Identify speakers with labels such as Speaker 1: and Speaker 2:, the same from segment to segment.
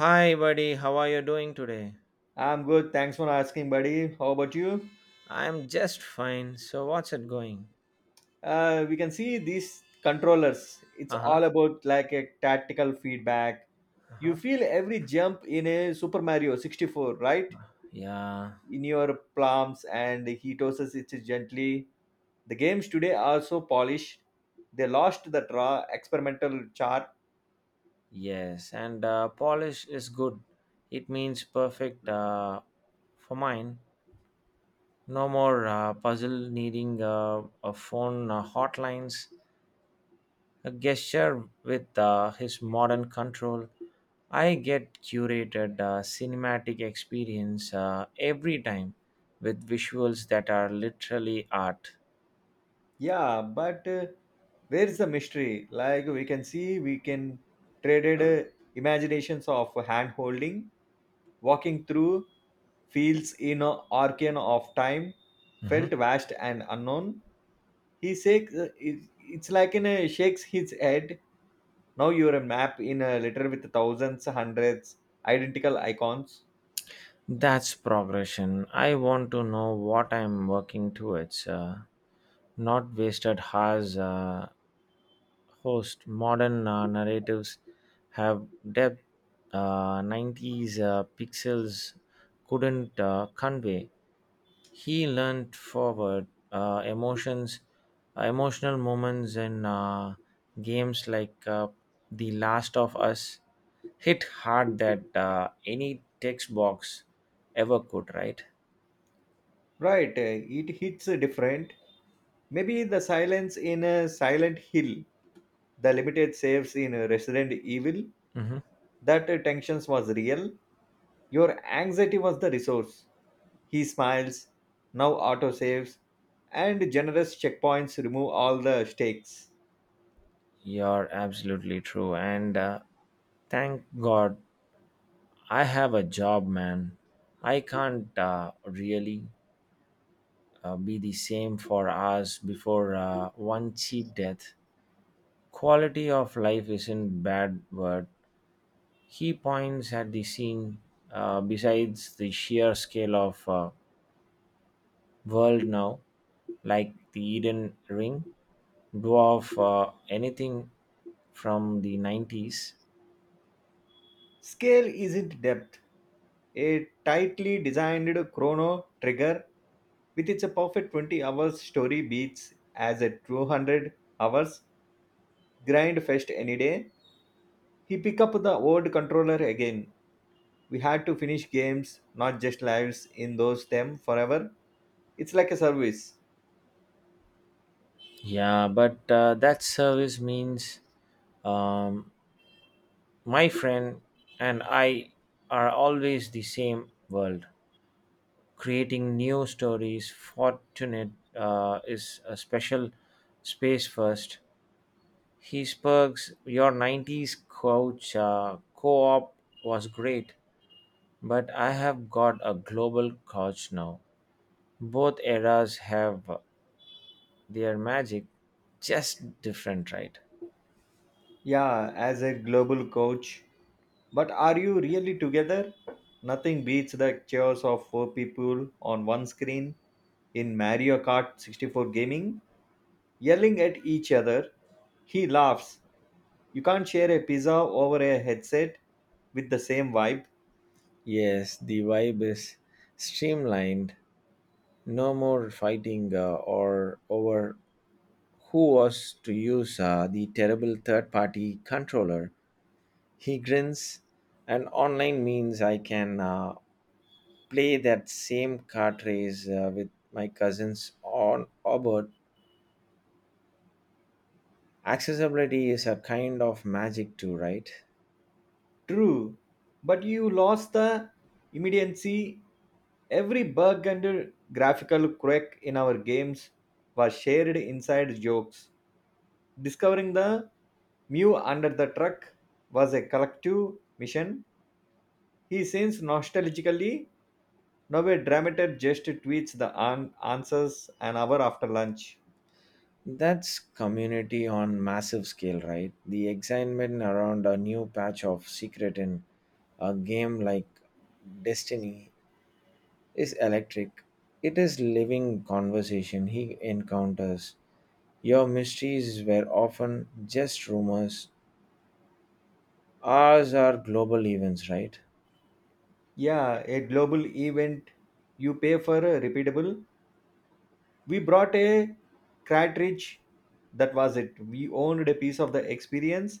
Speaker 1: Hi, buddy. How are you doing today?
Speaker 2: I'm good. Thanks for asking, buddy. How about you?
Speaker 1: I'm just fine. So, what's it going?
Speaker 2: We can see these controllers. It's
Speaker 1: Uh huh.
Speaker 2: all about like a tactical feedback.
Speaker 1: Uh
Speaker 2: You
Speaker 1: huh.
Speaker 2: feel every jump in a Super Mario 64, right?
Speaker 1: Yeah.
Speaker 2: In your palms, and he tosses it gently. The games today are so polished. They lost the raw experimental chart.
Speaker 1: Yes. And Polish is good. It means perfect for mine. No more puzzle needing a phone hotlines. A gesture with his modern control. I get curated cinematic experience every time with visuals that are literally art.
Speaker 2: Yeah, but where is the mystery? Like we can see, we can traded imaginations of hand holding walking through fields in a arcane of time
Speaker 1: Mhm.
Speaker 2: felt vast and unknown. He shakes, it's like in a shakes his head. Now you're a map in a letter with thousands, hundreds, identical icons.
Speaker 1: That's progression. I want to know what I'm working towards. Not wasted has host modern narratives have depth 90s pixels couldn't convey. He leaned forward. Emotions, emotional moments in games like The Last of Us hit hard that any text box ever could, right?
Speaker 2: Right, eh, it hits different. Maybe the silence in a Silent Hill, the limited saves in Resident Evil,
Speaker 1: Hmm.
Speaker 2: that tensions was real. Your anxiety was the resource. He smiles. Now autosaves and generous checkpoints remove all the stakes.
Speaker 1: You're absolutely true. And thank God I have a job, man. I can't really be the same for us before one cheap death. Quality of life isn't bad word. He points at the scene besides the sheer scale of world now, like the Eden Ring, dwarf anything from the 90s.
Speaker 2: Scale isn't depth. A tightly designed chrono trigger with its perfect 20 hours story beats as a 200 hours grind fest any day. He picked up the old controller again. We had to finish games, not just lives, in those them forever. It's like a service.
Speaker 1: Yeah, but that service means um, my friend and I are always the same world. Creating new stories, fortunate is a special space first. He smirks. Your 90s couch co op was great, but I have got a global couch now. Both eras have their magic, just different, right?
Speaker 2: Yeah, as a global coach, but are you really together? Nothing beats the chaos of four people on one screen in Mario Kart 64 gaming, yelling at each other. He laughs. You can't share a pizza over a headset with the same vibe.
Speaker 1: Yes, the vibe is streamlined. No more fighting or over who was to use the terrible third party controller. He grins, and online means I can play that same kart race with my cousins on Obert. Accessibility is a kind of magic too, right?
Speaker 2: True, but you lost the immediacy. Every bug and graphical quirk in our games was shared inside jokes. Discovering the Mew under the truck was a collective mission. He sings nostalgically now a dramaturg just tweets the answers an hour after lunch.
Speaker 1: That's community on massive scale, right? The excitement around a new patch of secret in a game like Destiny is electric. It is living conversation he encounters. Your mysteries were often just rumors. Ours are global events, right?
Speaker 2: Yeah, a global event you pay for a repeatable. We brought a cartridge. That was it. We owned a piece of the experience.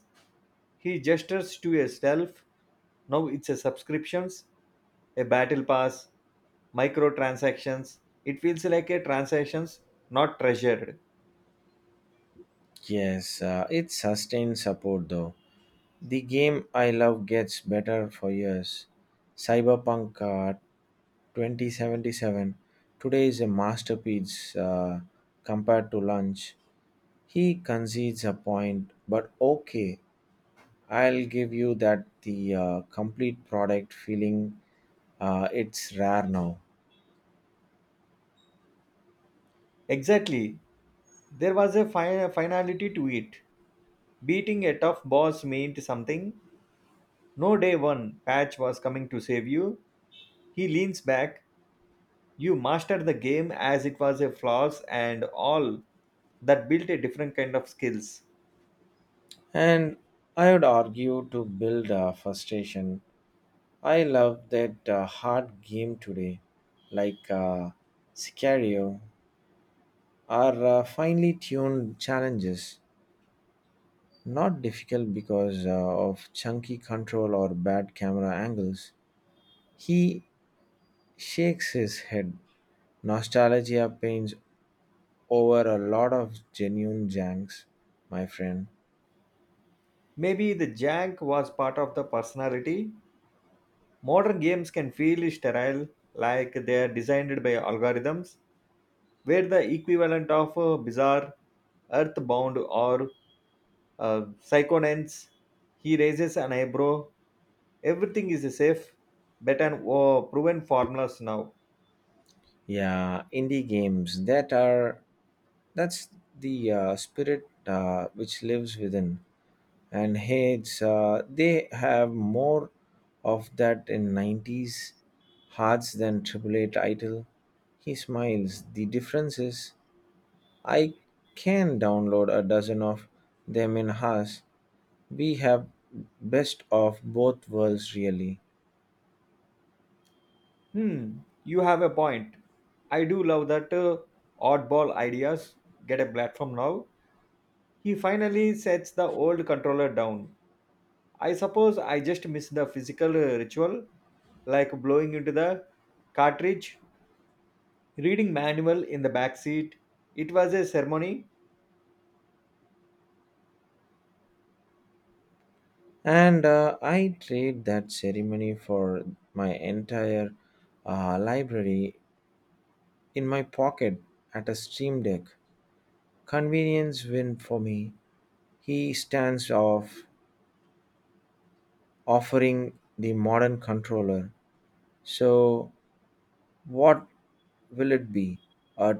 Speaker 2: He gestures to a shelf. Now it's a subscriptions, a battle pass, microtransactions. It feels like a transactions, not treasured.
Speaker 1: Yes, it's sustained support though. The game I love gets better for years. Cyberpunk 2077 today is a masterpiece compared to lunch. He concedes a point, but okay, I'll give you that the complete product feeling it's rare now.
Speaker 2: Exactly, there was a finality to it. Beating a tough boss meant something. No day one patch was coming to save you. He leans back. You mastered the game as it was, a flaws and all. That built a different kind of skills.
Speaker 1: And I would argue to build a frustration I love that hard game today, like Sicario, are finely tuned challenges. Not difficult because of chunky control or bad camera angles. He shakes his head. Nostalgia pains over a lot of genuine janks, my friend.
Speaker 2: Maybe the jank was part of the personality. Modern games can feel sterile, like they are designed by algorithms, where the equivalent of bizarre, earthbound, or uh, psychonauts, he raises an eyebrow. Everything is a safe, better, oh, proven formulas now.
Speaker 1: Yeah, indie games that's the spirit which lives within. And hates, they have more of that in 90s hearts than triple eight idol. He smiles. The difference is I can download a dozen of them in hours. We have best of both worlds, really.
Speaker 2: Hmm, you have a point. I do love that oddball ideas get a platform now. He finally sets the old controller down. I suppose I just missed the physical ritual, like blowing into the cartridge, reading manual in the back seat. It was a ceremony.
Speaker 1: And I trade that ceremony for my entire library in my pocket at a stream deck. Convenience win for me. He stands off, offering the modern controller. So, what will it be? A,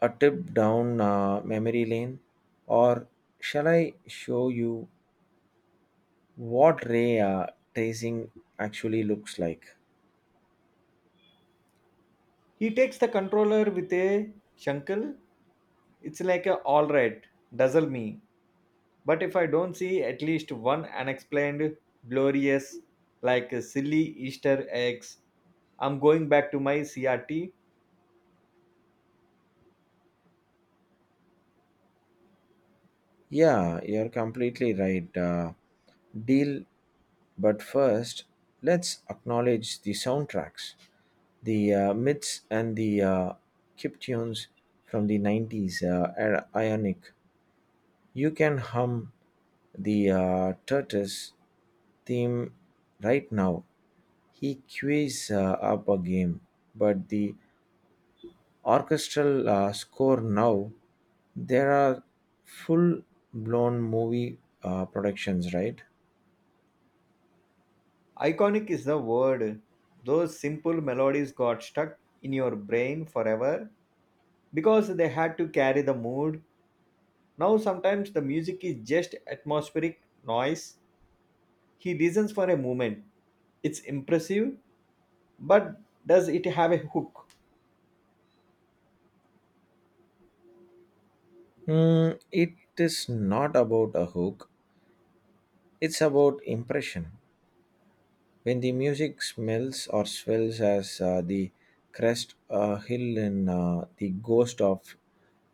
Speaker 1: a trip down memory lane? Or shall I show you what ray tracing actually looks like?
Speaker 2: He takes the controller with a shankle. It's like a all right, dazzle me. But if I don't see at least one unexplained, glorious, like silly Easter eggs, I'm going back to my CRT.
Speaker 1: Yeah, you're completely right. Deal, but first, let's acknowledge the soundtracks, the myths, and the chiptunes from the 90s are iconic. You can hum the Turtles theme right now. He queues up a game, but the orchestral score now, there are full blown movie productions, right?
Speaker 2: Iconic is the word. Those simple melodies got stuck in your brain forever because they had to carry the mood. Now, sometimes the music is just atmospheric noise. He listens for a moment. It's impressive, but does it have a hook?
Speaker 1: It is not about a hook, it's about impression. When the music smells or swells as the crest a hill in the ghost of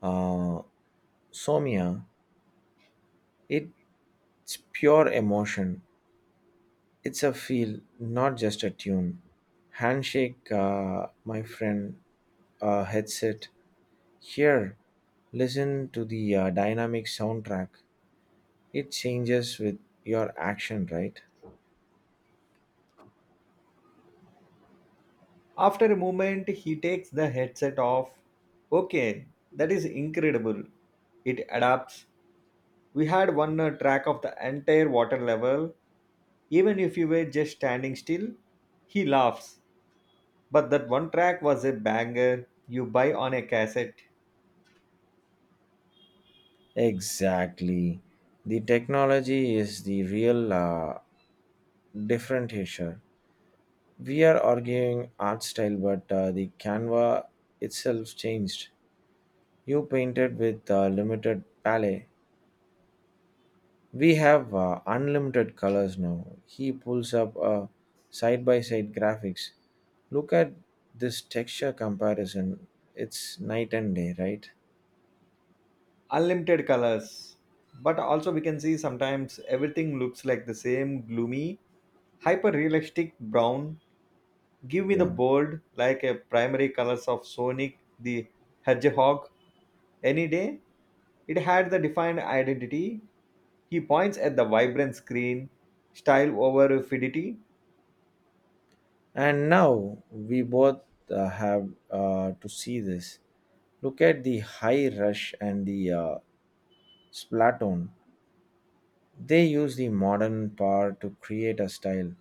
Speaker 1: uh, Somia, it It's pure emotion. It's a feel, not just a tune. Handshake, my friend, headset. Here, listen to the dynamic soundtrack. It changes with your action, right?
Speaker 2: After a moment, he takes the headset off. Okay, that is incredible. It adapts. We had one track of the entire water level. Even if you were just standing still, he laughs. But that one track was a banger you buy on a cassette.
Speaker 1: Exactly. The technology is the real differentiator. We are arguing art style, but the canva itself changed. You painted with limited palette. We have unlimited colors now. He pulls up a side by side graphics. Look at this texture comparison. It's night and day, right?
Speaker 2: Unlimited colors. But also, we can see sometimes everything looks like the same gloomy, hyper realistic brown. Give me the
Speaker 1: Yeah.
Speaker 2: bold, like a primary colors of Sonic the Hedgehog any day. It had the defined identity. He points at the vibrant screen, style over fidity.
Speaker 1: And now we both have to see this. Look at the high rush and the splatoon. They use the modern power to create a style,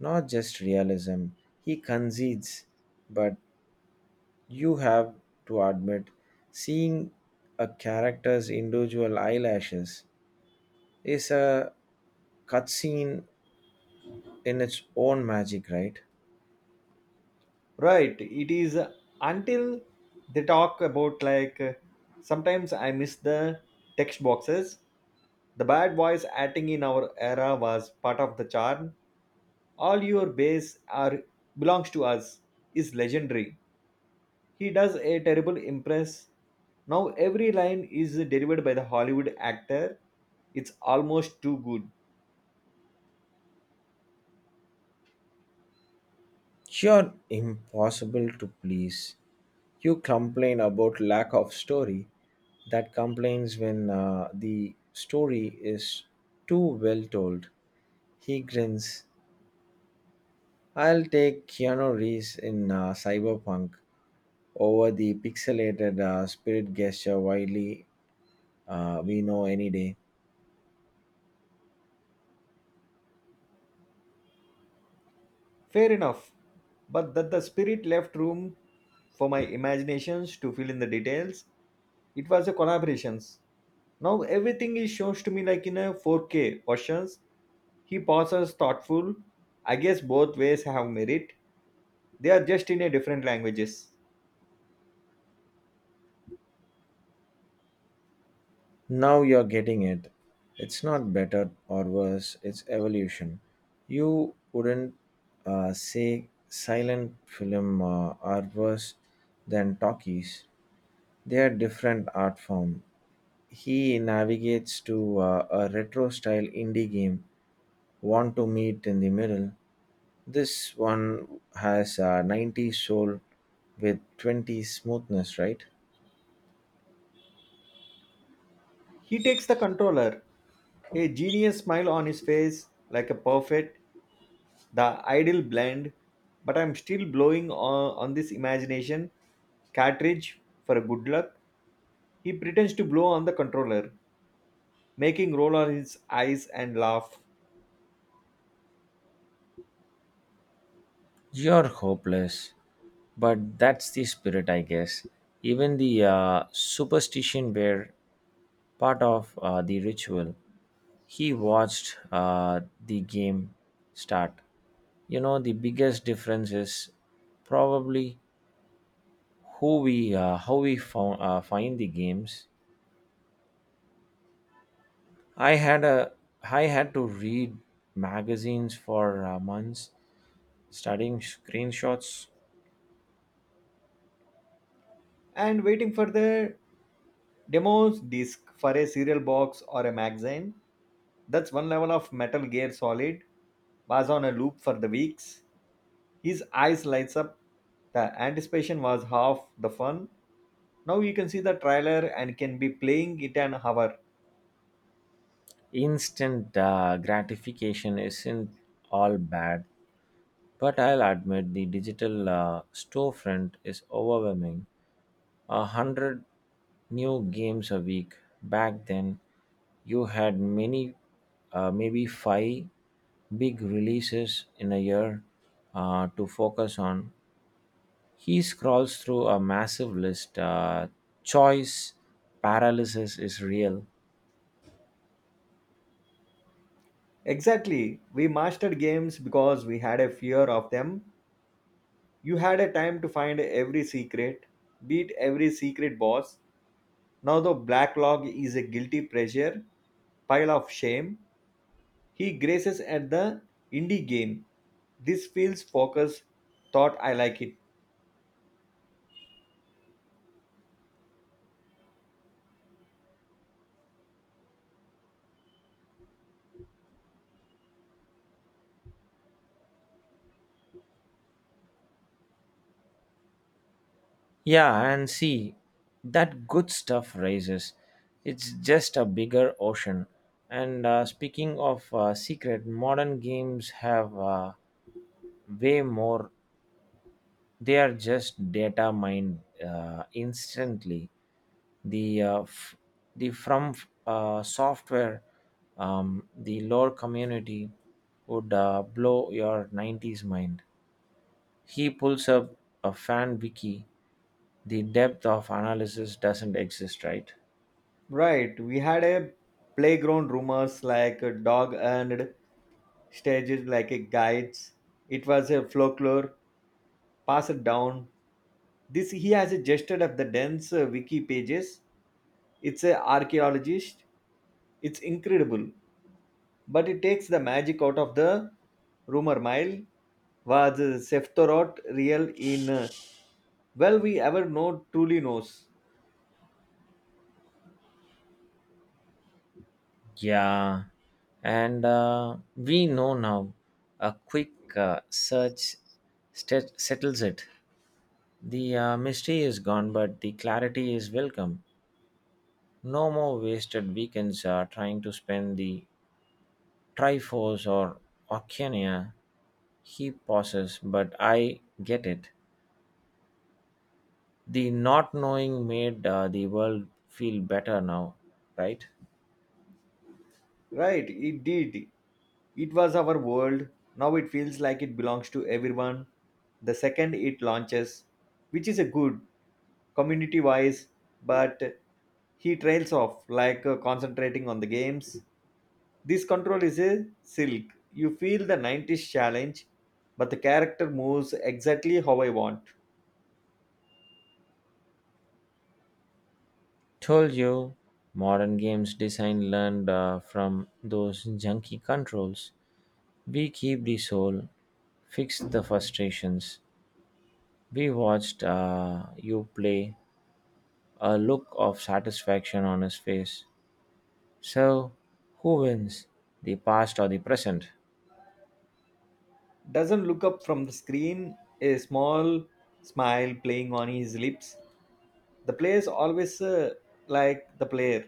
Speaker 1: not just realism. He concedes, but you have to admit, seeing a character's individual eyelashes is a cutscene in its own magic, right?
Speaker 2: Right, it is until they talk about like sometimes I miss the text boxes. The bad voice acting in our era was part of the charm. All your base are belongs to us is legendary. He does a terrible impress. Now every line is delivered by the Hollywood actor. It's almost too good.
Speaker 1: You're impossible to please. You complain about lack of story. That complains when the story is too well told. He grins. I'll take Keanu Reeves in Cyberpunk over the pixelated spirit gesture widely we know any day.
Speaker 2: Fair enough. But that the spirit left room for my imaginations to fill in the details. It was a collaborations. Now everything is shown to me like in a 4K versions. He pauses thoughtful. I guess both ways have merit. They are just in a different languages.
Speaker 1: Now you're getting it. It's not better or worse, it's evolution. You wouldn't say silent film are worse than talkies. They are different art form. He navigates to a retro style indie game, Want to Meet in the Middle. This one has a 90s soul with 20 smoothness, right?
Speaker 2: He takes the controller, a genius smile on his face, like a perfect, the ideal blend. But I'm still blowing on this imagination cartridge for good luck. He pretends to blow on the controller, making roll on his eyes and laugh.
Speaker 1: You're hopeless. But that's the spirit, I guess. Even the superstition were part of the ritual. He watched the game start. You know, the biggest difference is probably who we how we found, find the games. I had a I had to read magazines for months, studying screenshots.
Speaker 2: And waiting for the demos disc for a cereal box or a magazine. That's one level of Metal Gear Solid was on a loop for the weeks. His eyes lights up. The anticipation was half the fun. Now you can see the trailer and can be playing it an hour.
Speaker 1: Instant gratification isn't all bad. But I'll admit the digital storefront is overwhelming. 100 new games a week. Back then, you had many, maybe five big releases in a year to focus on. He scrolls through a massive list. Choice paralysis is real.
Speaker 2: Exactly. We mastered games because we had a fear of them. You had a time to find every secret, beat every secret boss. Now the black log is a guilty pleasure, pile of shame. He graces at the indie game. This feels focused. Thought I like it.
Speaker 1: Yeah, and see, that good stuff rises. It's just a bigger ocean. And speaking of secret, modern games have way more. They are just data mined instantly. The uh, f- the from software, the lore community would blow your 90s mind. He pulls up a fan wiki. The depth of analysis doesn't exist, right?
Speaker 2: Right, we had a playground rumors like a dog earned stages like a guides. It was a folklore passed down. This he has adjusted up the dense wiki pages. It's a archaeologist. It's incredible. But it takes the magic out of the rumor mile. Was Sephtoroth real in well we ever know truly knows?
Speaker 1: Yeah, and we know now a quick search settles it. The mystery is gone, but the clarity is welcome. No more wasted weekends trying to spend the triforce or oceania. He pauses. But I get it, the not knowing made the world feel better now, right?
Speaker 2: Right, it did. It was our world. Now it feels like it belongs to everyone. The second it launches, which is a good community wise, but he trails off like concentrating on the games. This control is a silk. You feel the 90s challenge, but the character moves exactly how I want.
Speaker 1: Told you, modern games design learned from those junky controls. We keep the soul, fix the frustrations. We watched you play, a look of satisfaction on his face. So, who wins, the past or the present?
Speaker 2: Doesn't look up from the screen, a small smile playing on his lips. The player's always like the player.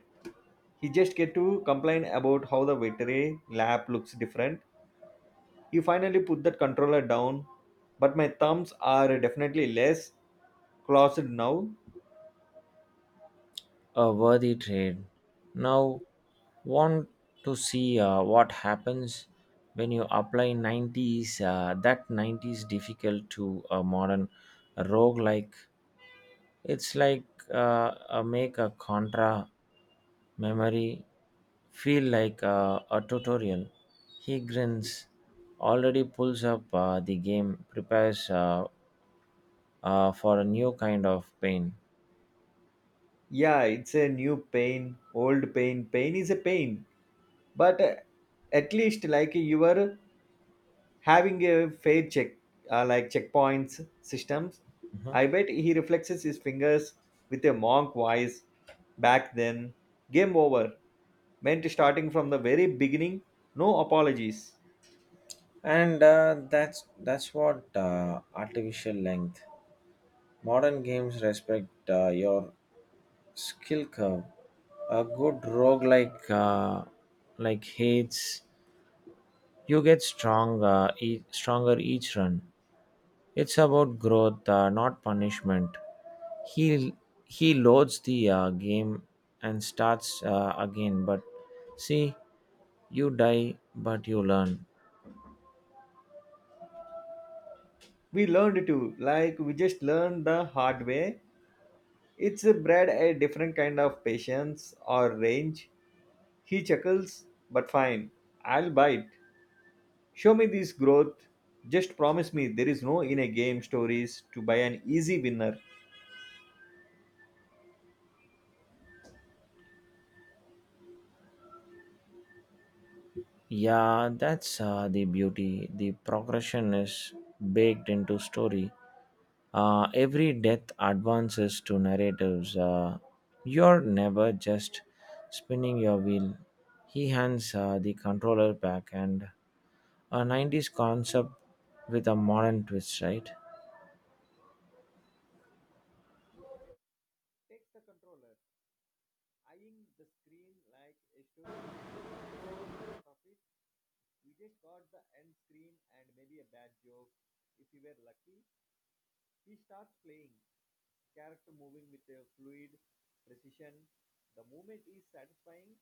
Speaker 2: He just get to complain about how the victory lab looks different. He finally put that controller down, but my thumbs are definitely less closed now.
Speaker 1: A worthy trade. Now, want to see what happens when you apply 90s, that 90s difficult to a modern roguelike. It's like make a contra memory feel like a tutorial. He grins, already pulls up the game, prepares for a new kind of pain.
Speaker 2: Yeah, it's a new pain, old pain, pain is a pain, but at least like you are having a fair check, like checkpoints systems. I bet he reflexes his fingers with a monk voice. Back then, game over meant starting from the very beginning. No apologies.
Speaker 1: And that's what artificial length. Modern games respect your skill curve. A good roguelike like hates. You get stronger each run. It's about growth, not punishment. He he loads the game and starts again. But see, you die, but you learn.
Speaker 2: We learned to, like, we just learned the hard way. It's bred a different kind of patience or range. He chuckles, but fine, I'll bite. Show me this growth. Just promise me there is no in a game stories to buy an easy winner.
Speaker 1: Yeah, that's the beauty. The progression is baked into story. Every death advances to narratives. You're never just spinning your wheel. He hands the controller back, and a 90s concept with a modern twist, right?
Speaker 2: Takes the controller, eyeing the screen like a story where dying is a part of it. We just got the end screen and maybe a bad joke. If we were lucky, he starts playing. Character moving with a fluid precision. The movement is satisfying,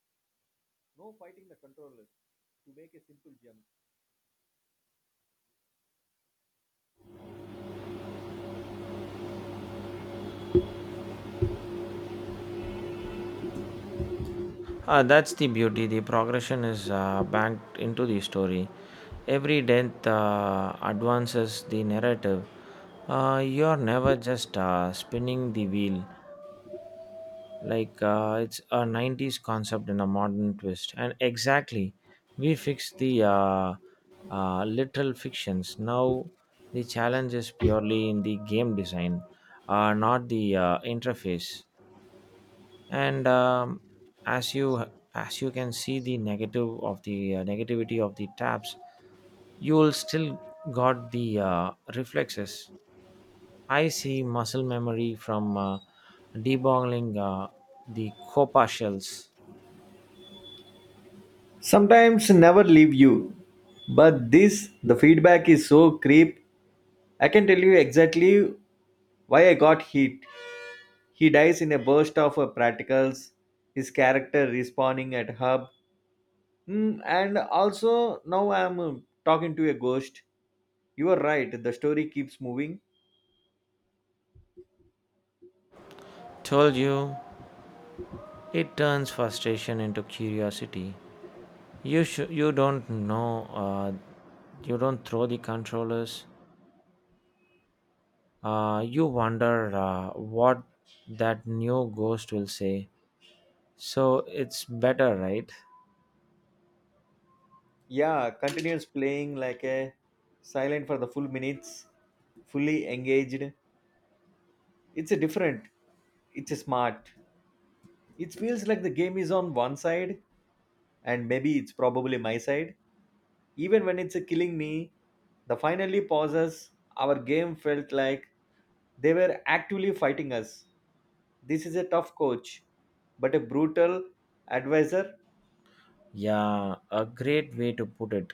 Speaker 2: no fighting the controller to make a simple jump.
Speaker 1: That's the beauty. The progression is banked into the story. Every death advances the narrative. You're never just spinning the wheel. Like it's a 90s concept in a modern twist, and exactly we fixed the literal fictions now. The challenge is purely in the game design, not the interface. And as you as you can see the negative of the negativity of the tabs, you will still got the reflexes. I see muscle memory from debottling the copa shells.
Speaker 2: Sometimes never leave you. But this, the feedback is so creep. I can tell you exactly why I got hit. He dies in a burst of practicals, his character respawning at hub. Hmm, and also, now I'm talking to a ghost. You are right, the story keeps moving.
Speaker 1: Told you, it turns frustration into curiosity. You don't know. You don't throw the controllers. You wonder what that new ghost will say. So it's better, right?
Speaker 2: Yeah, continues playing like a silent for the full minutes, fully engaged. It's a different, it's a smart. It feels like the game is on one side and maybe it's probably my side. Even when it's killing me, the finally pauses, our game felt like they were actively fighting us. This is a tough coach, but a brutal advisor.
Speaker 1: Yeah, a great way to put it.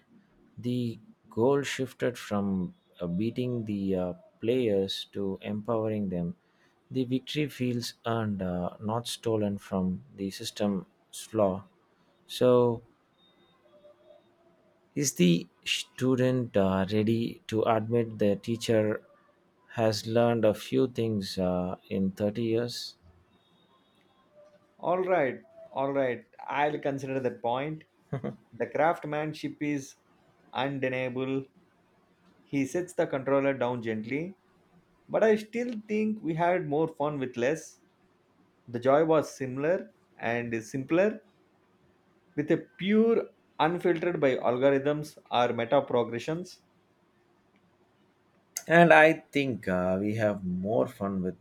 Speaker 1: The goal shifted from beating the players to empowering them. The victory feels earned, not stolen from the system's flaw. So, is the student ready to admit the teacher has learned a few things in 30 years?
Speaker 2: All right, all right, I'll consider that point. The craftsmanship is undeniable. He sets the controller down gently, but I still think we had more fun with less. The joy was similar and simpler, with a pure unfiltered by algorithms or meta progressions.
Speaker 1: And I think we have more fun with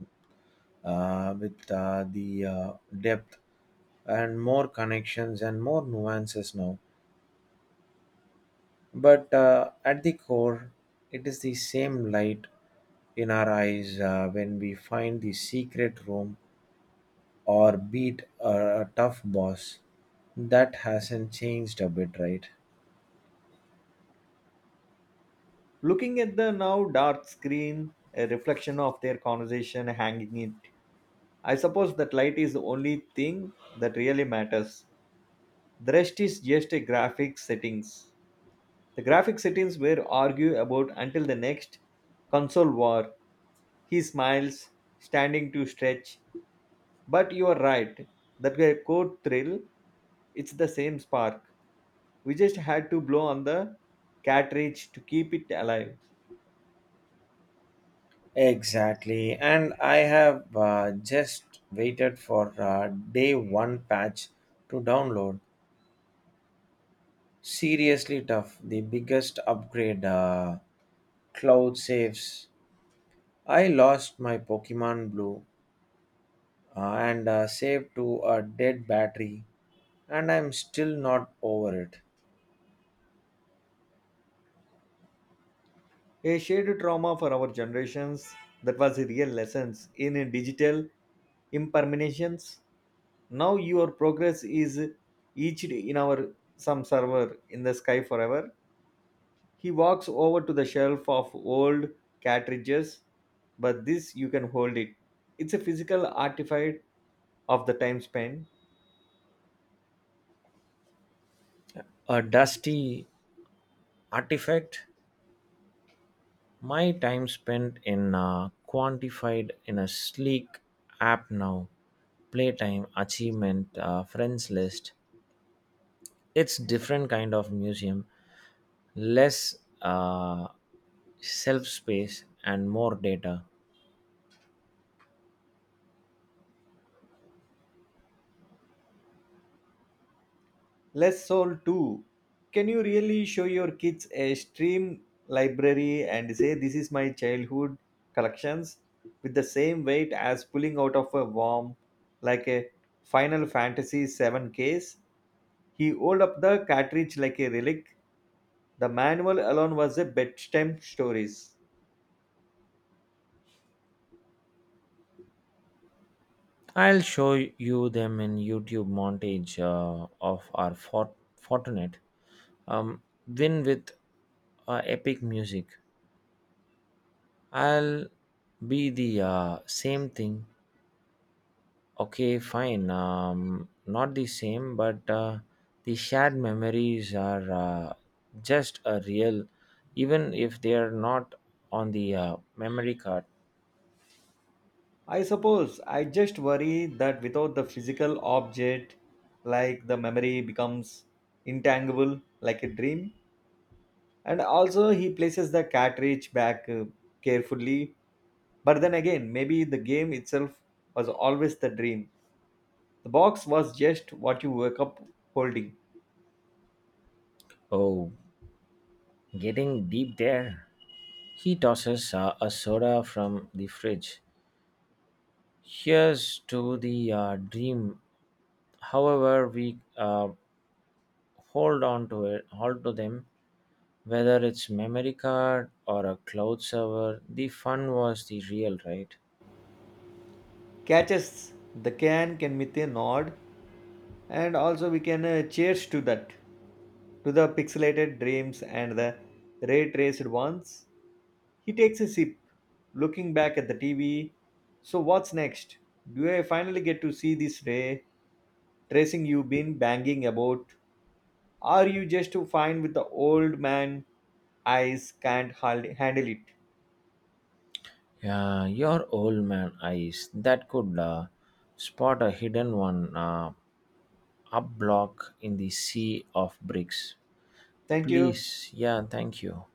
Speaker 1: uh, with uh, the depth and more connections and more nuances now. But at the core, it is the same light in our eyes when we find the secret room or beat a tough boss. That hasn't changed a bit, right?
Speaker 2: Looking at the now dark screen, a reflection of their conversation hanging it. I suppose that light is the only thing that really matters. The rest is just a graphic settings. The graphic settings were argue about until the next console war. He smiles, standing to stretch. But you are right, that guy core thrill, it's the same spark. We just had to blow on the cartridge to keep it alive.
Speaker 1: Exactly. And I have just waited for day one patch to download. Seriously tough. The biggest upgrade, Cloud saves. I lost my Pokemon Blue and saved to a dead battery, and I'm still not over it.
Speaker 2: A shared trauma for our generations. That was a real lessons in digital impermanence. Now your progress is etched in our some server in the sky forever. He walks over to the shelf of old cartridges, but this you can hold it. It's a physical artifact of the time spent.
Speaker 1: A dusty artifact. My time spent in quantified in a sleek app now. Playtime achievement friends list. It's different kind of museum. Less self space and more data.
Speaker 2: Less soul too. Can you really show your kids a stream library and say this is my childhood collections with the same weight as pulling out of a worm like a Final Fantasy VII case? He rolled up the cartridge like a relic. The manual alone was a bedtime stories.
Speaker 1: I'll show you them in YouTube montage of our Fortinet um, win with epic music. I'll be the same thing. Okay, fine. Not the same, but the shared memories are just a real, even if they are not on the memory card.
Speaker 2: I suppose I just worry that without the physical object, like the memory becomes intangible like a dream. And also, he places the cartridge back carefully. But then again, maybe the game itself was always the dream. The box was just what you wake up holding.
Speaker 1: Oh, getting deep there. He tosses a soda from the fridge. Here's to the dream. However, we hold on to it, hold to them. Whether it's memory card or a cloud server, the fun was the real, right?
Speaker 2: Catches the can with a nod, and also we can cheers to that, to the pixelated dreams and the ray traced ones. He takes a sip, looking back at the TV. So, what's next? Do I finally get to see this ray tracing you've been banging about? Are you just too fine with the old man? Eyes can't handle it.
Speaker 1: Yeah, your old man eyes that could spot a hidden one up block in the sea of bricks.
Speaker 2: Thank you.
Speaker 1: Please, yeah, thank you.